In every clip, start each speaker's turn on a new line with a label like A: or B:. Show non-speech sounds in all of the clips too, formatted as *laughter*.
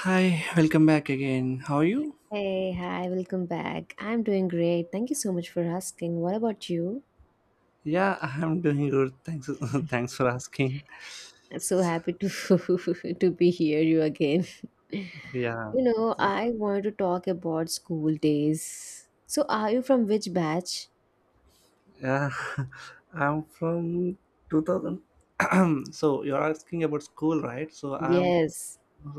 A: Hi, welcome back again. How are you?
B: Hey, hi, welcome back. I'm doing great. Thank you so much for asking. What about you?
A: Yeah, I'm doing good. Thanks, *laughs* thanks for asking.
B: I'm so happy to *laughs* to be here you again.
A: Yeah,
B: You know, I wanted to talk about school days. So, are you from which batch?
A: yeah. *laughs* I'm from 2000. *clears throat* So you're asking about school, right? So I'm
B: Yes.
A: *laughs*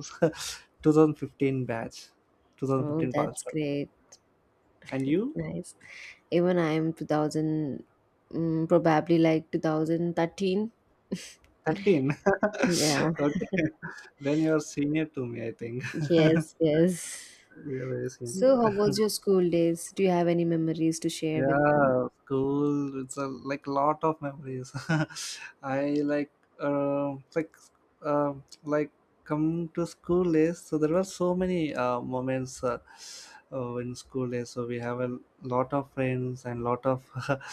A: 2015 batch,
B: Oh,
A: 2015 passed
B: that's
A: out.
B: great.
A: And you?
B: Nice. Even I'm 2000, probably like 2013.
A: 13.
B: Yeah.
A: *laughs* Okay, then you're senior to me, I think.
B: Yes,
A: *laughs*
B: yes.
A: You're very
B: So,
A: senior.
B: how was your school days? Do you have any memories to share with me?
A: Yeah, school. It's a like lot of memories. *laughs* I like um like um like come to school days. So there were so many moments in school days. So we have a lot of friends and lot of *laughs*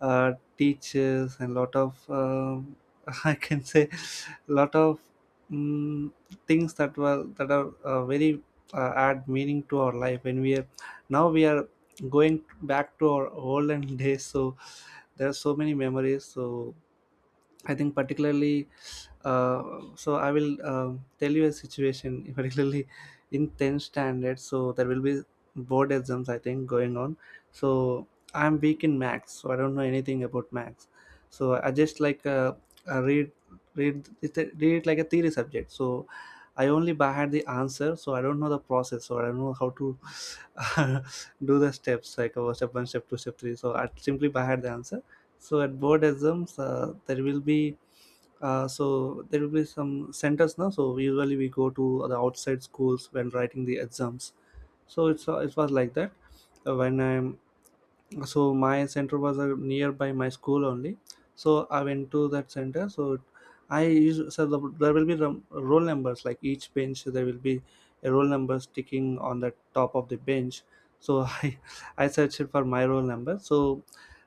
A: teachers and lot of *laughs* I can say lot of um, things that are very add meaning to our life when we are now we are going back to our olden *laughs* days. So there are so many memories. So I think particularly so I will tell you a situation *laughs* particularly in 10th standard. So there will be board exams I think going on. So I'm weak in max, so I don't know anything about max. So I just like I read read it like a theory subject. So I only had the answer, so I don't know the process, so I don't know how to *laughs* do the steps like step one, step two, step three. So I simply by heart the answer. So at board exams, there will be so there will be some centers now. So usually we go to the outside schools when writing the exams. So it's it was like that when I so my center was nearby my school only. So I went to that center. So I used, so the, there will be the roll numbers like each bench. There will be a roll number sticking on the top of the bench. So *laughs* I searched for my roll number. So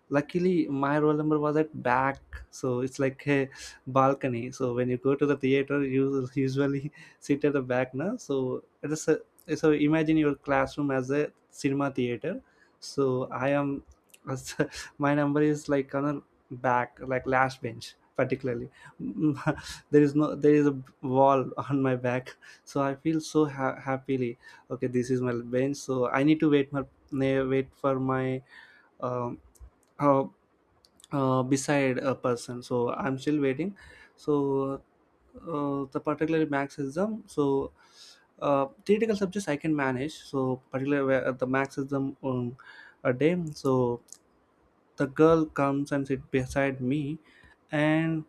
A: luckily my roll number was at back. So it's like a balcony. So when you go to the theater, you usually *laughs* sit at the back now. So so imagine your classroom as a cinema theater. So I am as- *laughs* my number is like on a back like last bench particularly. *laughs* there is no there is a wall *laughs* on my back. So I feel so happily okay this is my bench, so I need to wait for my um, uh, beside a person. So I'm still waiting. So the particular max exam, so theoretical subjects I can manage. So particularly where the max exam on a day, so the girl comes and sit beside me. And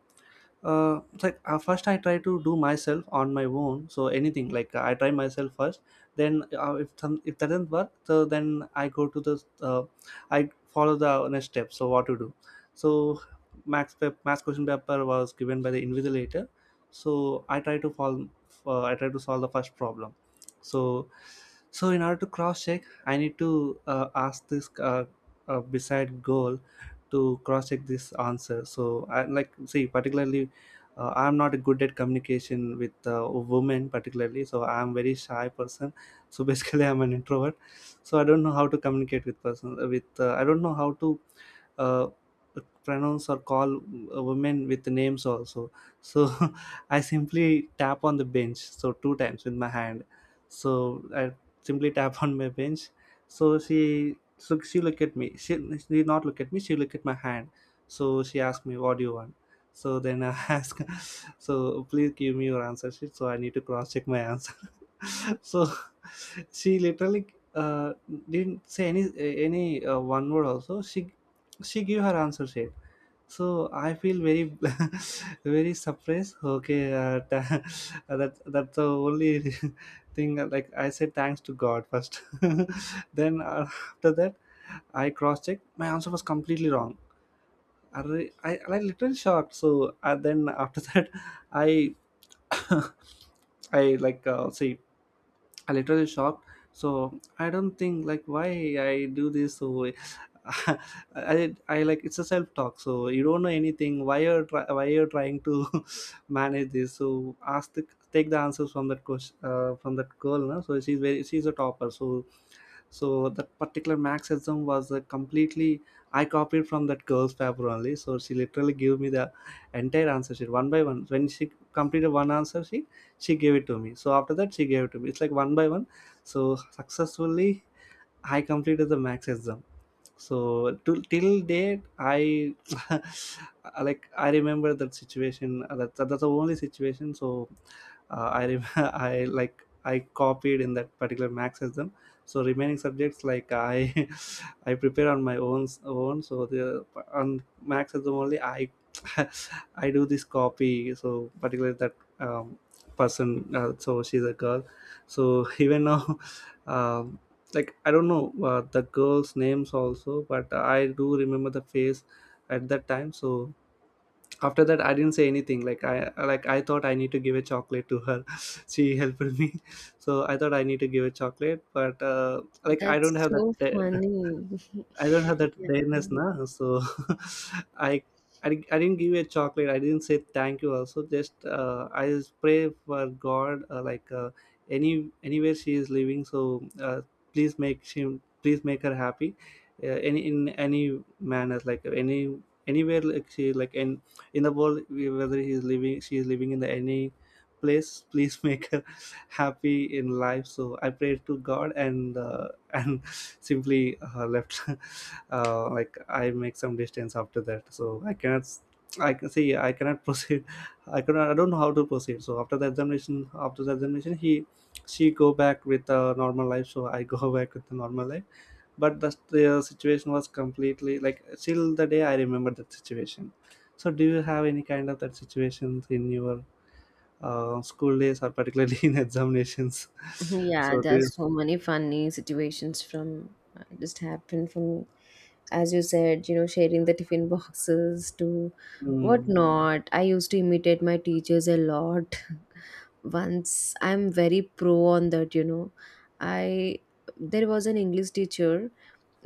A: it's like first I try to do myself on my own. So anything like I try myself first. Then if that doesn't work, so then I go to the I follow the next step. So what to do? So max pep, max question paper was given by the invigilator. So I try to follow. I try to solve the first problem. So so in order to cross check, I need to ask this beside goal to cross check this answer. So I like see particularly I'm not good at communication with women particularly. So I'm very shy person. So basically *laughs* I'm an introvert. So I don't know how to communicate with person with I don't know how to uh, pronounce or call women with names also. So *laughs* I simply tap on the bench so two times with my hand. So I simply tap on my bench. So she looked at me. Did not look at me. She looked at my hand. So she asked me, "What do you want?" So then I *laughs* asked, "So please give me your answer sheet." So I need to cross check my answer. *laughs* So she literally uh, didn't say any one word. Also, she gave her answer sheet. So I feel very *laughs* very surprised. Okay, *laughs* that's the only *laughs* thing. Like I said, thanks to God first. *laughs* Then after that I cross checked. My answer was completely wrong. I, I literally shocked. So then after *laughs* that, I *coughs* I like see I literally shocked. So I don't think like why I do this. So *laughs* I like it's a self talk. So you don't know anything. Why you're trying to *laughs* manage this? So ask the take the answers from that question from that girl. No? So she's a topper. So so that particular Marxism was completely I copied from that girl's paper only. So she literally gave me the entire answer sheet one by one. When she completed one answer sheet, she gave it to me. So after that, she gave it to me. It's like one by one. So successfully, I completed the Marxism. So to, till date I *laughs* like I remember that situation. That's the only situation. So *laughs* I like I copied in that particular max exam. So remaining subjects like I *laughs* I prepare on my own. So the on max exam only I *laughs* I do this copy. So particularly that um, person, so she's a girl. So even now *laughs* um, like I don't know the girls names also, but I do remember the face at that time. So after that I didn't say anything, like I like I thought I need to give a chocolate to her. *laughs* She helped me. *laughs* So I thought I need to give a chocolate, but like I don't
B: That's
A: have
B: so
A: that
B: funny. *laughs*
A: I don't have that awareness now, so *laughs* I, I didn't give you a chocolate. I didn't say thank you. Also, just I just pray for God, any anywhere she is living. So please make her happy, any in any manners, like any anywhere like she like in the world whether he is living she is living in the any place. *laughs* Please make her *laughs* happy in life. So I prayed to God and *laughs* and simply left. *laughs* Like I make some distance after that. So I cannot, I can see I cannot *laughs* proceed. I cannot. I don't know how to proceed. So after the examination, she go back with a normal life. So I go *laughs* back with the normal life. But the situation was completely like till the day I remember that situation. So do you have any kind of that situations in your school days or particularly *laughs* in examinations?
B: *laughs*
A: *laughs*
B: Yeah,
A: So do you?
B: there's so many funny situations from just happened from, as you said, sharing the tiffin boxes to
A: Hmm.
B: whatnot. I used to imitate my teachers a lot. *laughs* Once I'm very pro on that. I There was an English teacher.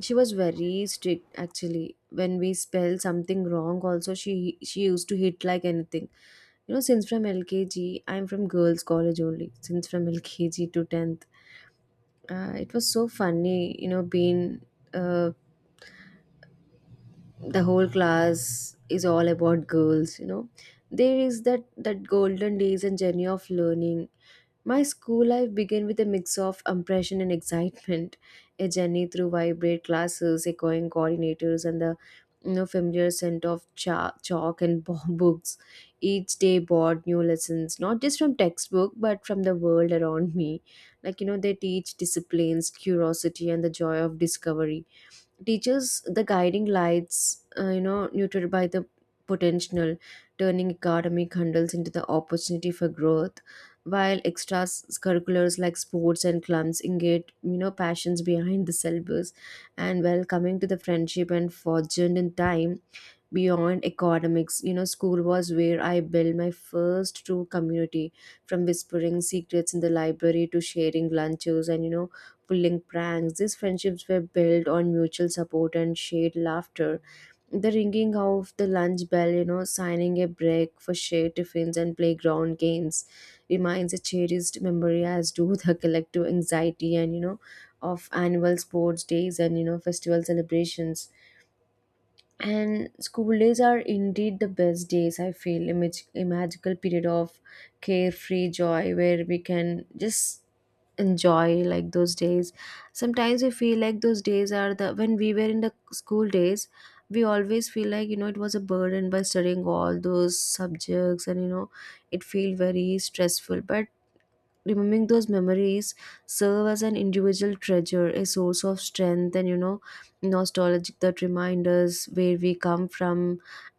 B: She was very strict actually. When we spell something wrong, also she used to hit like anything. You know, since from LKG, I'm from girls' college only. Since from LKG to tenth, it was so funny, being, uh, the whole class is all about girls. You know, there is that golden days and journey of learning. My school life began with a mix of impression and excitement, a journey through vibrant classes, echoing coordinators, and the, familiar scent of chalk and *laughs* books. Each day brought new lessons, not just from textbook, but from the world around me. Like, they teach disciplines, curiosity, and the joy of discovery teaches the guiding lights, neutered by the potential, turning academic hurdles into the opportunity for growth, while extracurriculars like sports and clubs engage, passions behind the syllabus. And while coming to the friendship and fortune in time, beyond academics, school was where I built my first true community, from whispering secrets in the library to sharing lunches and, pulling pranks. These friendships were built on mutual support and shared laughter. The ringing of the lunch bell, signing a break for shared tiffins and playground games remains a cherished memory, as do the *laughs* collective anxiety and, of annual sports days and, festival celebrations. And school days are indeed the best days, I feel, a magical period of carefree joy where we can just enjoy like those days. Sometimes we feel like those days are the when we were in the school days. We always feel like, it was a burden by studying all those subjects, and, it feel very stressful, but remembering those memories serve as an individual treasure, a source of strength and, nostalgic that remind us where we come from,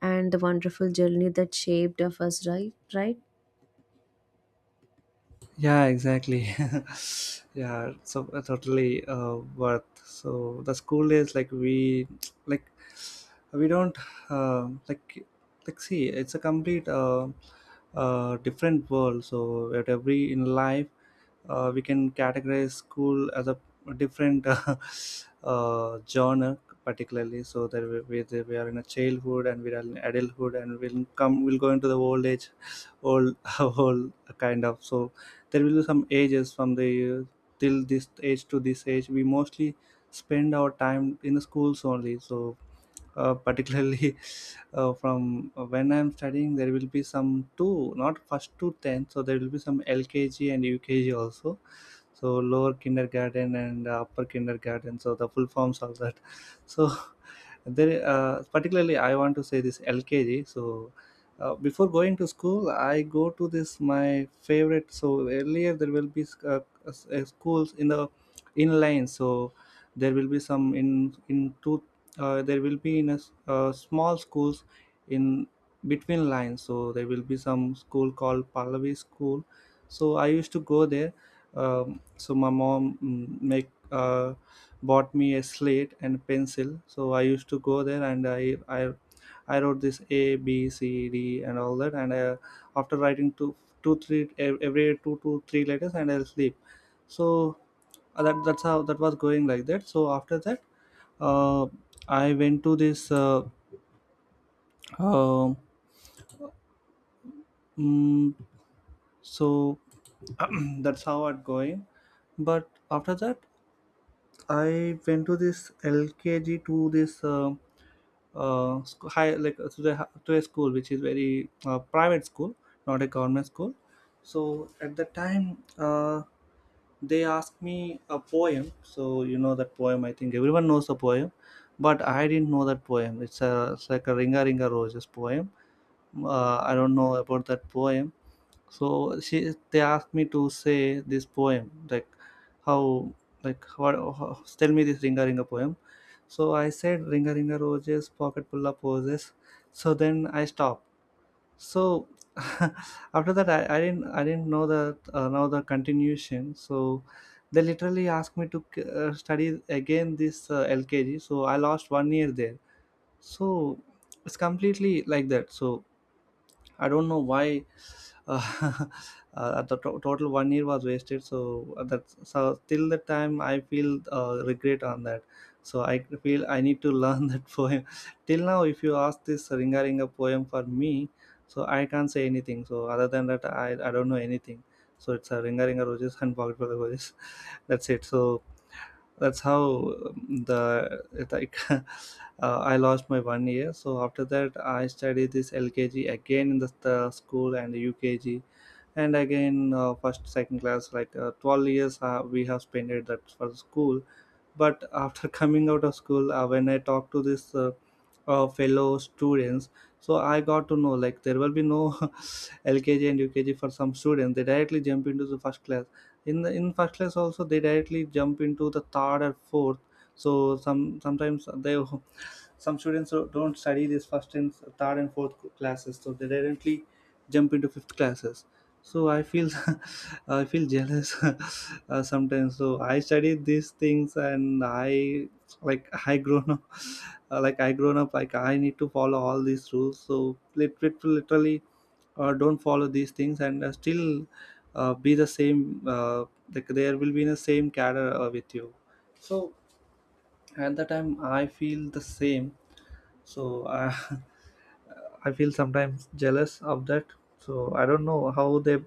B: and the wonderful journey that shaped of us, right, right.
A: Yeah, exactly. *laughs* Yeah, so totally worth. So the school days like we *tsk* like we don't um like like see it's a complete different world. So at every in life we can categorize school as a different *laughs* genre particularly. So that we are in a childhood and we are in adulthood and we'll go into the old age old *laughs* old kind of. So there will be some ages from the till this age to this age we mostly spend our time in the schools only. So particularly *laughs* from when I'm studying, there will be some two, not first to 10, so there will be some LKG and UKG also. So lower kindergarten and upper kindergarten, so the full forms of that. *laughs* So there, particularly, I want to say this LKG. So, before going to school, I go to this my favorite. So earlier there will be schools in the inline. So there will be some in two. There will be in a small schools in between lines. So there will be some school called Pallavi School. So I used to go there. So my mom mm, make bought me a slate and pencil. So I used to go there and I wrote this ABCD and all that. And I after writing two, two, three every two to three letters, and I'll sleep. So that's how that was going like that. So after that, uh, I went to this. Uh, mm, so *clears throat* that's how it going but after that I went to this LKG to this sc- high like to the hi- to a school which is very private school, not a government school. So at the time, they asked me a poem. So you know that poem. I think everyone knows the poem, but I didn't know that poem. It's like a Ringa Ringa Roses poem. I don't know about that poem. So she they asked me to say this poem, like how, like what, how, tell me this Ringa Ringa poem. So I said, "Ringa Ringa Roses, pocket full of roses." So then I stopped. So *laughs* after that, I didn't know the continuation. So they literally asked me to study again, this LKG. So I lost one year there. So it's completely like that. So I don't know why. uh, *laughs* the total one year was wasted. So, that's, so till the time I feel, regret on that. So I feel I need to learn *laughs* that poem. Till now, if you ask this Ringa Ringa poem for me, so I can't say anything. So other than that, I don't know anything. So it's a Ringa Ringa Roses and pocket full of roses. *laughs* That's it. So that's how, the like, *laughs* I lost my one year. So after that, I studied this LKG again in the school, and UKG. And again, first, second class, like, 12 years we have spent it that for school. But after *laughs* coming out of school, when I talk to this fellow students, so I got to know, like there will be no *laughs* LKG and UKG for some students. They directly jump into the first class. In first class also, they directly jump into the third or fourth. So sometimes they, *laughs* some students don't study this first and third and fourth classes, so they directly jump into fifth classes. So I feel *laughs* I feel jealous *laughs* sometimes. So I studied these things, and I, like, *laughs* I grown up. *laughs* Like, I grown up, like I need to follow all these rules. So literally, don't follow these things, and still be the same, like there will be the same cadre with you. So at the time, I feel the same. So *laughs* I feel sometimes jealous of that. So I don't know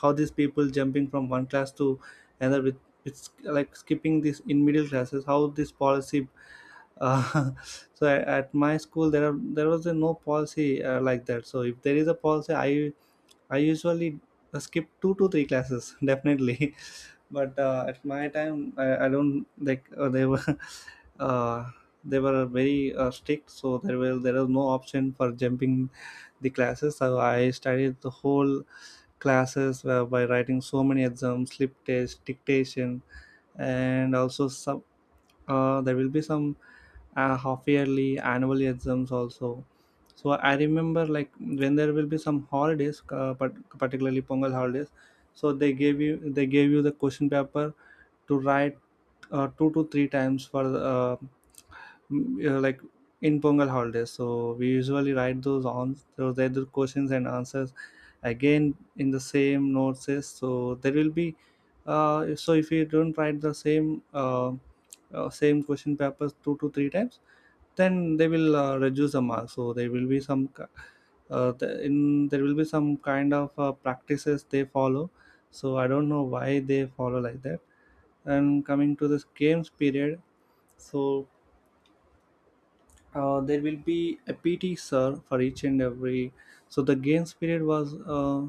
A: how these people jumping from one class to another with, it's like skipping this in middle classes. How this policy, uh, *laughs* so at my school, there was a no policy, like that. So if there is a policy, I usually skip two to three classes, *laughs* definitely. But at my time, I don't, like, they were *laughs* uh, they were very strict. So there was no option for jumping the classes. So I studied the whole classes, by writing so many exams, slip test, dictation, and also some, there will be some half yearly annual exams also. So I remember, like when there will be some holidays, but particularly Pongal holidays, so they gave you the question paper to write, two to three times for like in Pongal holidays. So we usually write those on those either questions and answers again in the same notes. So there will be, so if you don't write the same question papers two to three times, then they will reduce the mark. So there will be some there will be some kind of practices they follow. So I don't know why they follow like that. And coming to this games period, so there will be a PT sir for each and every. So the games period was,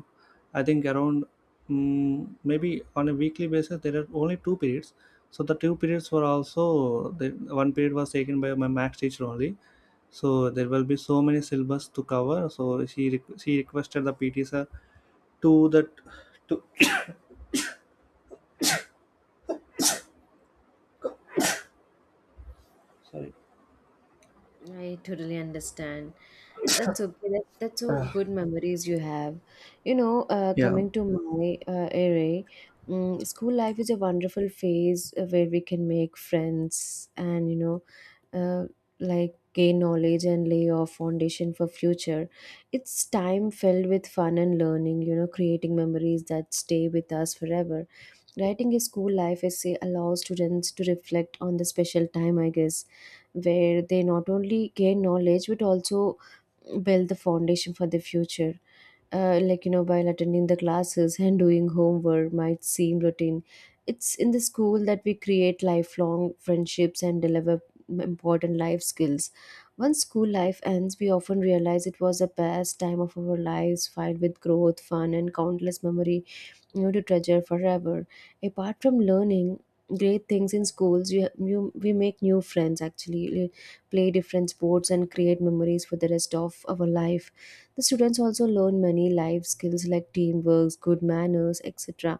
A: I think around, maybe on a weekly basis there are only two periods. So the two periods were also, the one period was taken by my max teacher only. So there will be so many syllabus to cover, so she requested the PT sir to that, to, sorry.
B: I totally understand. That's okay. That's so good memories you have. You know,
A: Yeah.
B: coming to my area, school life is a wonderful phase, where we can make friends and, uh, like gain knowledge and lay our foundation for future. It's time filled with fun and learning, creating memories that stay with us forever. Writing a school life essay allows students to reflect on the special time, I guess, where they not only gain knowledge but also build the foundation for the future, like, while attending the classes and doing homework might seem routine. It's in the school that we create lifelong friendships and deliver important life skills. Once school life ends, we often realize it was the best time of our lives, filled with growth, fun, and countless memory, to treasure forever. Apart from learning great things in schools, you we make new friends, actually play different sports and create memories for the rest of our life. The students also learn many life skills like teamwork, good manners, etc.,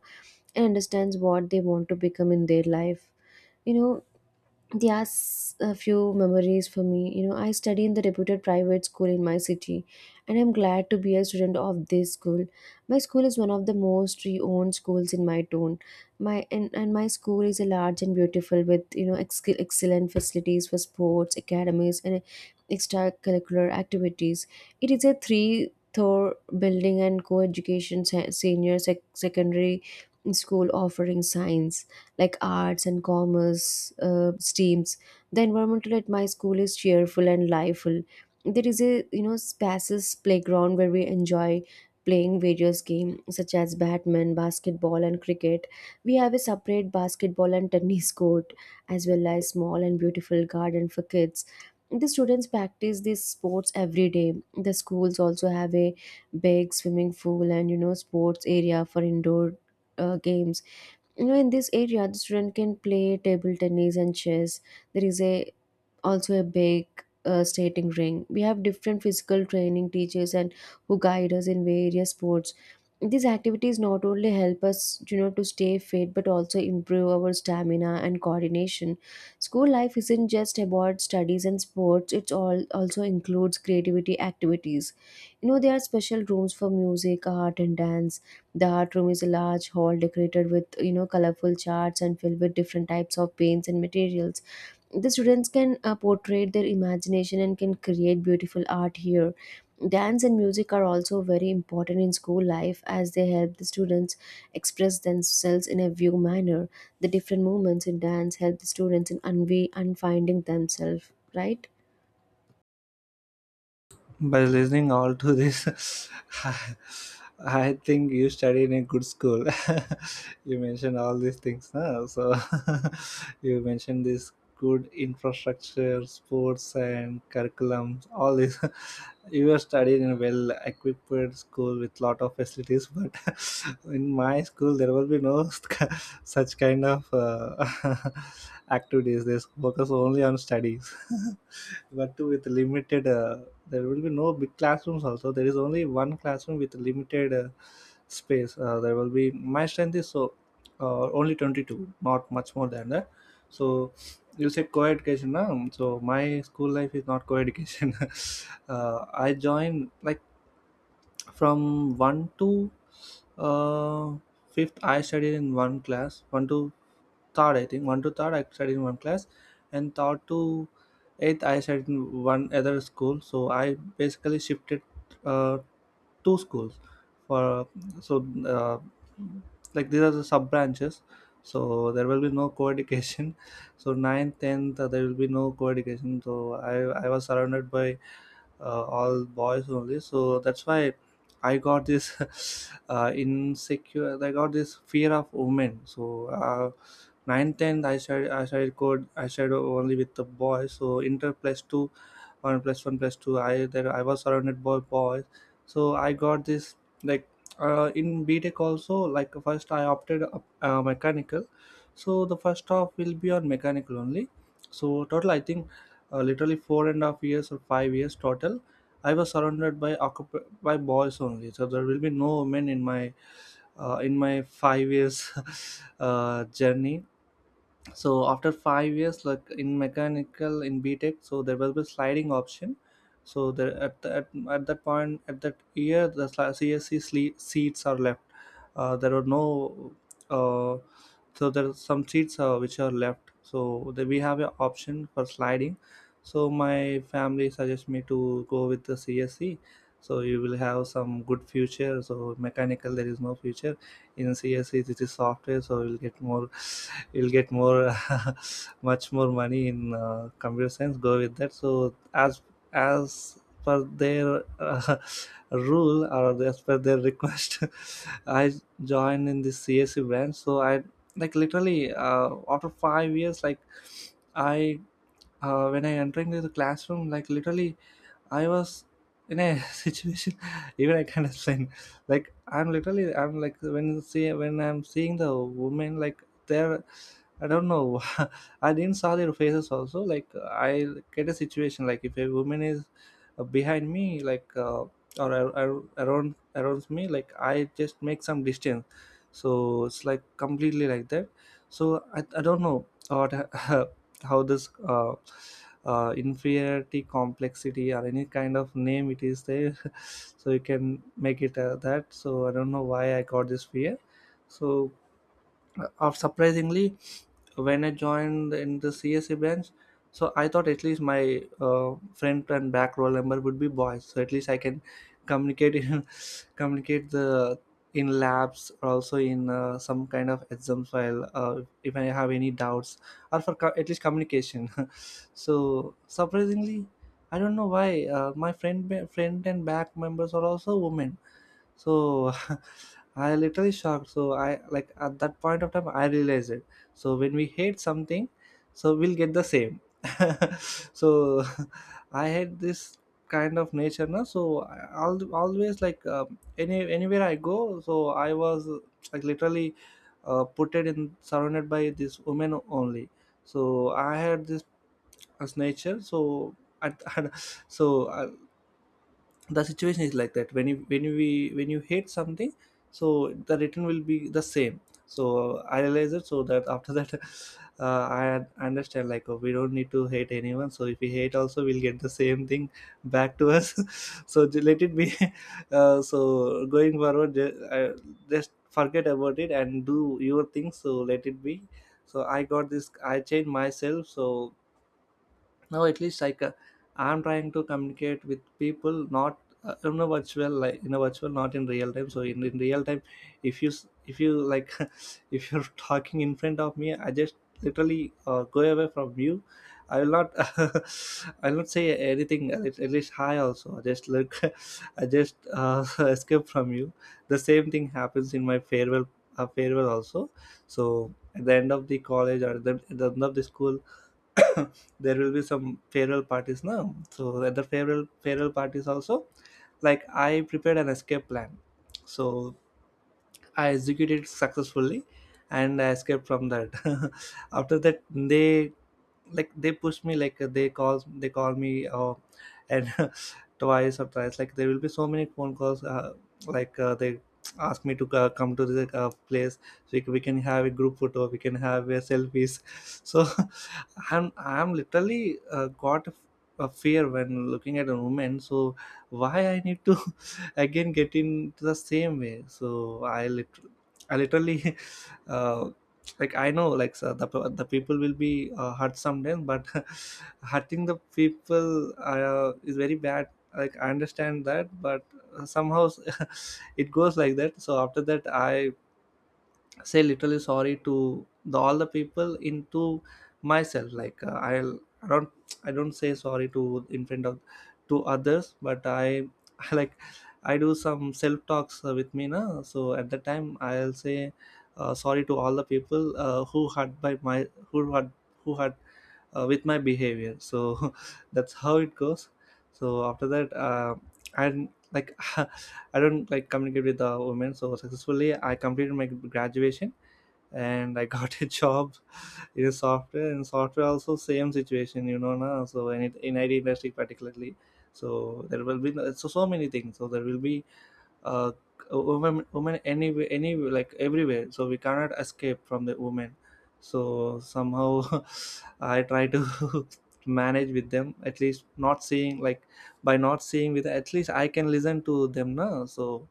B: and understands what they want to become in their life. You know, there are a few memories for me. You know, I study in the reputed private school in my city, and I'm glad to be a student of this school. My school is one of the most renowned schools in my town. And my school is a large and beautiful with, excellent facilities for sports, academies, and extracurricular activities. It is a three-floor building and co-education senior secondary school offering science, like arts and commerce, streams. The environmental at my school is cheerful and lively. There is a, spacious playground where we enjoy playing various games such as badminton, basketball, and cricket. We have a separate basketball and tennis court, as well as small and beautiful garden for kids. The students practice these sports every day. The schools also have a big swimming pool and, sports area for indoor games. You know, in this area the student can play table tennis and chess. There is a also a big, stating ring. We have different physical training teachers and who guide us in various sports. These activities not only help us, to stay fit but also improve our stamina and coordination. School life isn't just about studies and sports; it's all also includes creativity activities. You know, there are special rooms for music, art, and dance. The art room is a large hall decorated with, colorful charts and filled with different types of paints and materials. The students can portray their imagination and can create beautiful art here. Dance and music are also very important in school life as they help the students express themselves in a view manner. The different movements in dance help the students in unfinding themselves, right.
A: By listening all to this, *laughs* i I think you study in a good school. *laughs* You mentioned all these things, no? So *laughs* you mentioned this good infrastructure, sports and curriculum, all this. *laughs* You were studied in a well equipped school with lot of facilities. But *laughs* in my school, there will be no *laughs* such kind of *laughs* activities. They focus only on studies. *laughs* But with limited, there will be no big classrooms also. There is only one classroom with limited space. There will be, my strength is, so, only 22, not much more than that. So you said co-education, na? So my school life is not co-education. *laughs* I joined, like from 1 to uh, fifth, I studied in one class 1 to third. I think one to third, I studied in one class, and third to eighth, I studied in one other school. So I basically shifted, uh, two schools for, so like these are the sub branches. So there will be no co-education. *laughs* So ninth, tenth, there will be no co-education. So I was surrounded by all boys only, so that's why I got this *laughs* insecure I got this fear of women. So 9th, 10th, I started only with the boys. So inter plus 2, 1 plus 1 plus 2, I that I was surrounded by boys. So I got this, like, in BTech also, like, first I opted up, mechanical. So the first half will be on mechanical only. So total I think, literally 4.5 years or 5 years total, I was surrounded by boys only. So there will be no women in my 5 years *laughs* journey. So after 5 years, like in mechanical, in BTech, so there will be sliding option. So there, at that point, at that year, the CSC seats are left. There were no, uh, so there are some seats, which are left, so we have an option for sliding. So my family suggests me to go with the CSC, so you will have some good future. So mechanical, there is no future. In CSC, this is software, so you'll get more *laughs* you'll get more *laughs* much more money in computer science. Go with that. So as per their *laughs* rule, or as per their request, *laughs* I joined in the CSC branch. So I, like, literally after 5 years, like I when I entering the classroom, like literally I was in a *laughs* situation, even I can't explain. Like i'm literally i'm, like, when I'm seeing the women, like they're, I don't know. *laughs* I didn't saw their faces also. Like, I get a situation, like if a woman is behind me, like, or around me, like I just make some distance. So it's like completely like that. So I don't know what, *laughs* how this inferiority complexity, or any kind of name it is there. *laughs* So you can make it, that. So I don't know why I got this fear. So Or surprisingly, when I joined in the CSA branch, so I thought at least my front and back roll number would be boys. So at least I can communicate in, *laughs* communicate the in labs, or also in some kind of exams file, if I have any doubts, or at least communication. *laughs* So surprisingly, I don't know why, my friend and back members are also women. So *laughs* I literally shocked. So I, like, at that point of time, I realized it. So when we hate something, so we'll get the same. *laughs* So *laughs* I had this kind of nature now. So I always, like, anywhere I go, so I was, like literally put it in surrounded by this women only. So I had this as nature. So at, *laughs* so uh, the situation is like that when you we when you hate something, so the return will be the same. So I realize it, so that after that *laughs* I understand like, oh, we don't need to hate anyone. So if we hate also, we'll get the same thing back to us. *laughs* Let it be. *laughs* So going forward, just forget about it and do your thing, so let it be. So I got this, I changed myself. So now at least like I'm trying to communicate with people, not in a virtual, like in a virtual, not in real time. So in real time, if you like, *laughs* if you're talking in front of me, I just literally go away from you. I will not, *laughs* I'll not say anything. At least hi also, I just look, *laughs* I just *laughs* escape from you. The same thing happens in my farewell, farewell also. So at the end of the college, or at the end of the school, *coughs* there will be some farewell parties now. So at the farewell parties also, like, I prepared an escape plan. So I executed successfully and I escaped from that. *laughs* after that, they, like, they push me, like they call me and *laughs* twice or thrice, like there will be so many phone calls. They ask me to come to the place, so we can, we can have a group photo, we can have a selfies. *laughs* so *laughs* I'm literally got a fear when looking at a woman. So why I need to *laughs* again get into the same way? So I literally *laughs* uh, like, I know, like, so the people will be hurt someday, but *laughs* hurting the people is very bad. Like, I understand that, but somehow *laughs* it goes like that. So after that, I say literally sorry to the all the people into myself. Like I don't, I don't say sorry to in front of to others, but I, *laughs* like, I do some self talks with me na. So at that time, I'll say sorry to all the people who hurt who hurt with my behavior. So *laughs* that's how it goes. So after that, and like *laughs* I don't, like, communicate with the women. So successfully I completed my graduation, and I got *laughs* a job in software. And software also same situation, you know, na. So in IT industry particularly, so there will be so so many things. So there will be uh, women, women, any, like, everywhere. So we cannot escape from the women. So somehow *laughs* I try to *laughs* manage with them, at least not seeing, like, by not seeing with, at least I can listen to them now. So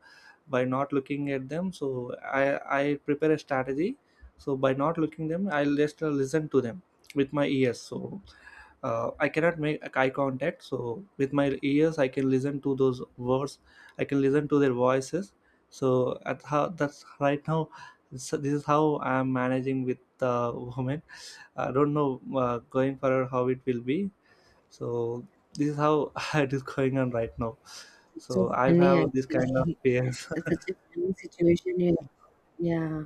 A: by not looking at them, so I prepare a strategy. So by not looking them, I'll just listen to them with my ears. So I cannot make eye contact. So with my ears, I can listen to those words. I can listen to their voices. So at how that's right now. So this is how I'm managing with the woman. I don't know, going forward, how it will be. So this is how *laughs* it is going on right now.
B: So
A: So I
B: funny,
A: have this kind of
B: actually.
A: fears.
B: *laughs* That's
A: *laughs*
B: such a funny situation here. Yeah.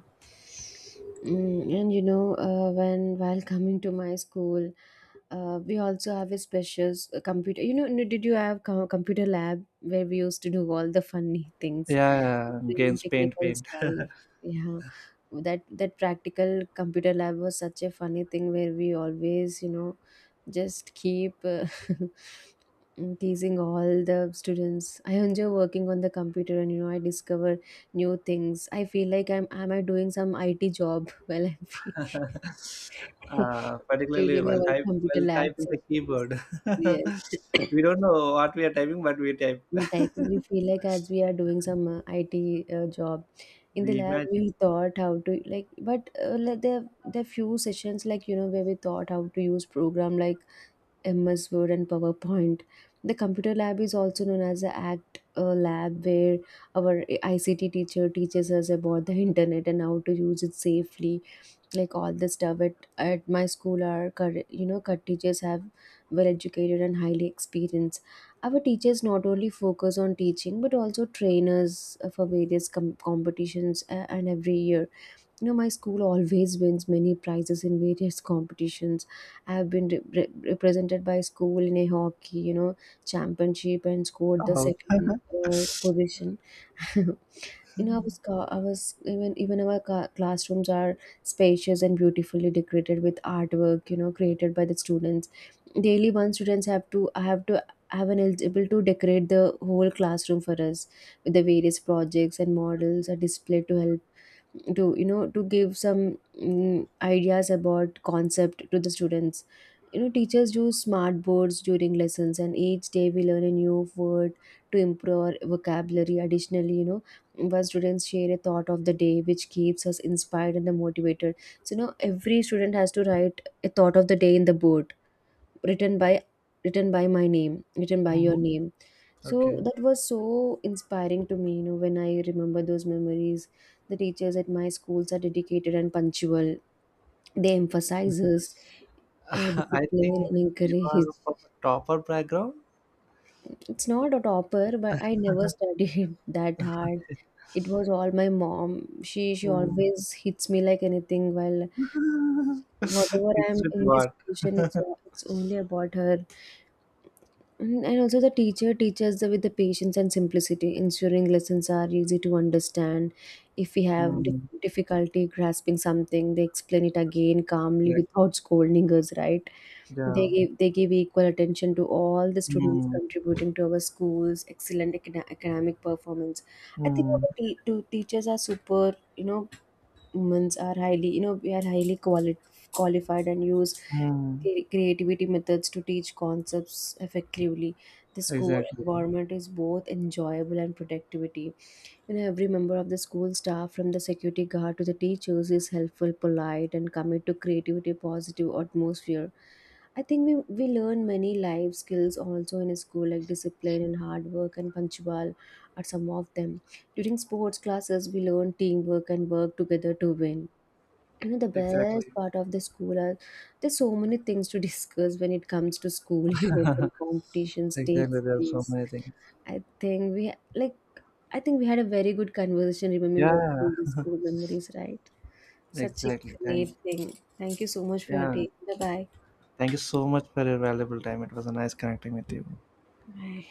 B: And when while coming to my school, we also have a special computer. You know, did you have computer lab where we used to do all the funny things,
A: yeah, yeah,
B: train
A: gains paint,
B: technical
A: paint.
B: style? Yeah, that practical computer lab was such a funny thing where we always, just keep *laughs* teasing all the students. I enjoy working on the computer, and, I discover new things. I feel like I'm am I doing some IT job? *laughs* while I feel.
A: *laughs*
B: *laughs*
A: Particularly
B: During
A: while
B: our
A: type
B: computer
A: while
B: lab
A: typing the
B: sessions.
A: keyboard. *laughs*
B: Yes. *coughs*
A: we don't know what we are typing, but we type.
B: The typing we
A: *laughs*
B: feel like as we are doing some IT job in the
A: we
B: lab.
A: imagine
B: We thought how to, like, but like there are few sessions like, where we thought how to use program like MS Word and PowerPoint. The computer lab is also known as the act lab where our ICT teacher teaches us about the internet and how to use it safely, like all the stuff at my school. Our cut teachers have well educated and highly experienced. Our teachers not only focus on teaching but also trainers, for various competitions, and every year, my school always wins many prizes in various competitions. I have been represented by school in a hockey, championship and scored the
A: how.
B: second
A: *laughs*
B: position. *laughs* in our
A: Mhm.
B: sc- our s- even even our classrooms are spacious and beautifully decorated with artwork, created by the students. Daily one students have to have an eligible to decorate the whole classroom for us, with the various projects and models are displayed to help to you know to give some ideas about concept to the students. You know, teachers use smart boards during lessons, and each day we learn a new word to improve our vocabulary. Additionally, our students share a thought of the day which keeps us inspired and motivated. So, every student has to write a thought of the day in the board, written by written by my name, written by your name. So
A: Okay.
B: that was so inspiring to me, when I remember those memories. The teachers at my schools are dedicated and punctual. They emphasizes,
A: *laughs* I
B: discipline
A: think
B: and
A: you
B: encourage.
A: are from a topper background.
B: It's not a topper but I never studied *laughs* that hard. It was all my mom. She
A: Mm.
B: always hits me like anything while
A: *laughs* it's
B: whatever I'm
A: with
B: in this
A: what?
B: position. it's
A: *laughs*
B: all, it's only about her. And also the teacher teaches with the patience and simplicity, ensuring lessons are easy to understand. If we have
A: Mm,
B: difficulty grasping something, they explain it again calmly
A: exactly.
B: without scolding us, right? They
A: Yeah.
B: give, they give equal attention to all the students
A: Mm,
B: contributing to our school's excellent academic performance. I think
A: mm,
B: our te- to teachers are super, humans are highly you know we are highly qualified and use
A: mm.
B: creativity methods to teach concepts effectively. The school
A: Exactly.
B: environment is both enjoyable and productivity, and every member of the school staff, from the security guard to the teachers, is helpful, polite, and commit to creativity, positive atmosphere. I think we learn many life skills also in school, like discipline and hard work and punctual are some of them. During sports classes, we learn teamwork and work together to win. You know, the best
A: Exactly.
B: part of the school are there's so many things to *laughs* discuss when it comes to school *laughs* events and
A: *laughs*
B: competitions
A: exactly,
B: takes
A: there are so
B: place.
A: many things.
B: I think we like I think we had a very good conversation remembering all
A: Yeah.
B: the school memories, right? Such a
A: Exactly. Thank
B: great thing. Thank you so much for your
A: yeah.
B: day. Bye bye.
A: Thank you so much for your valuable time. It was a nice connecting with you.
B: Bye.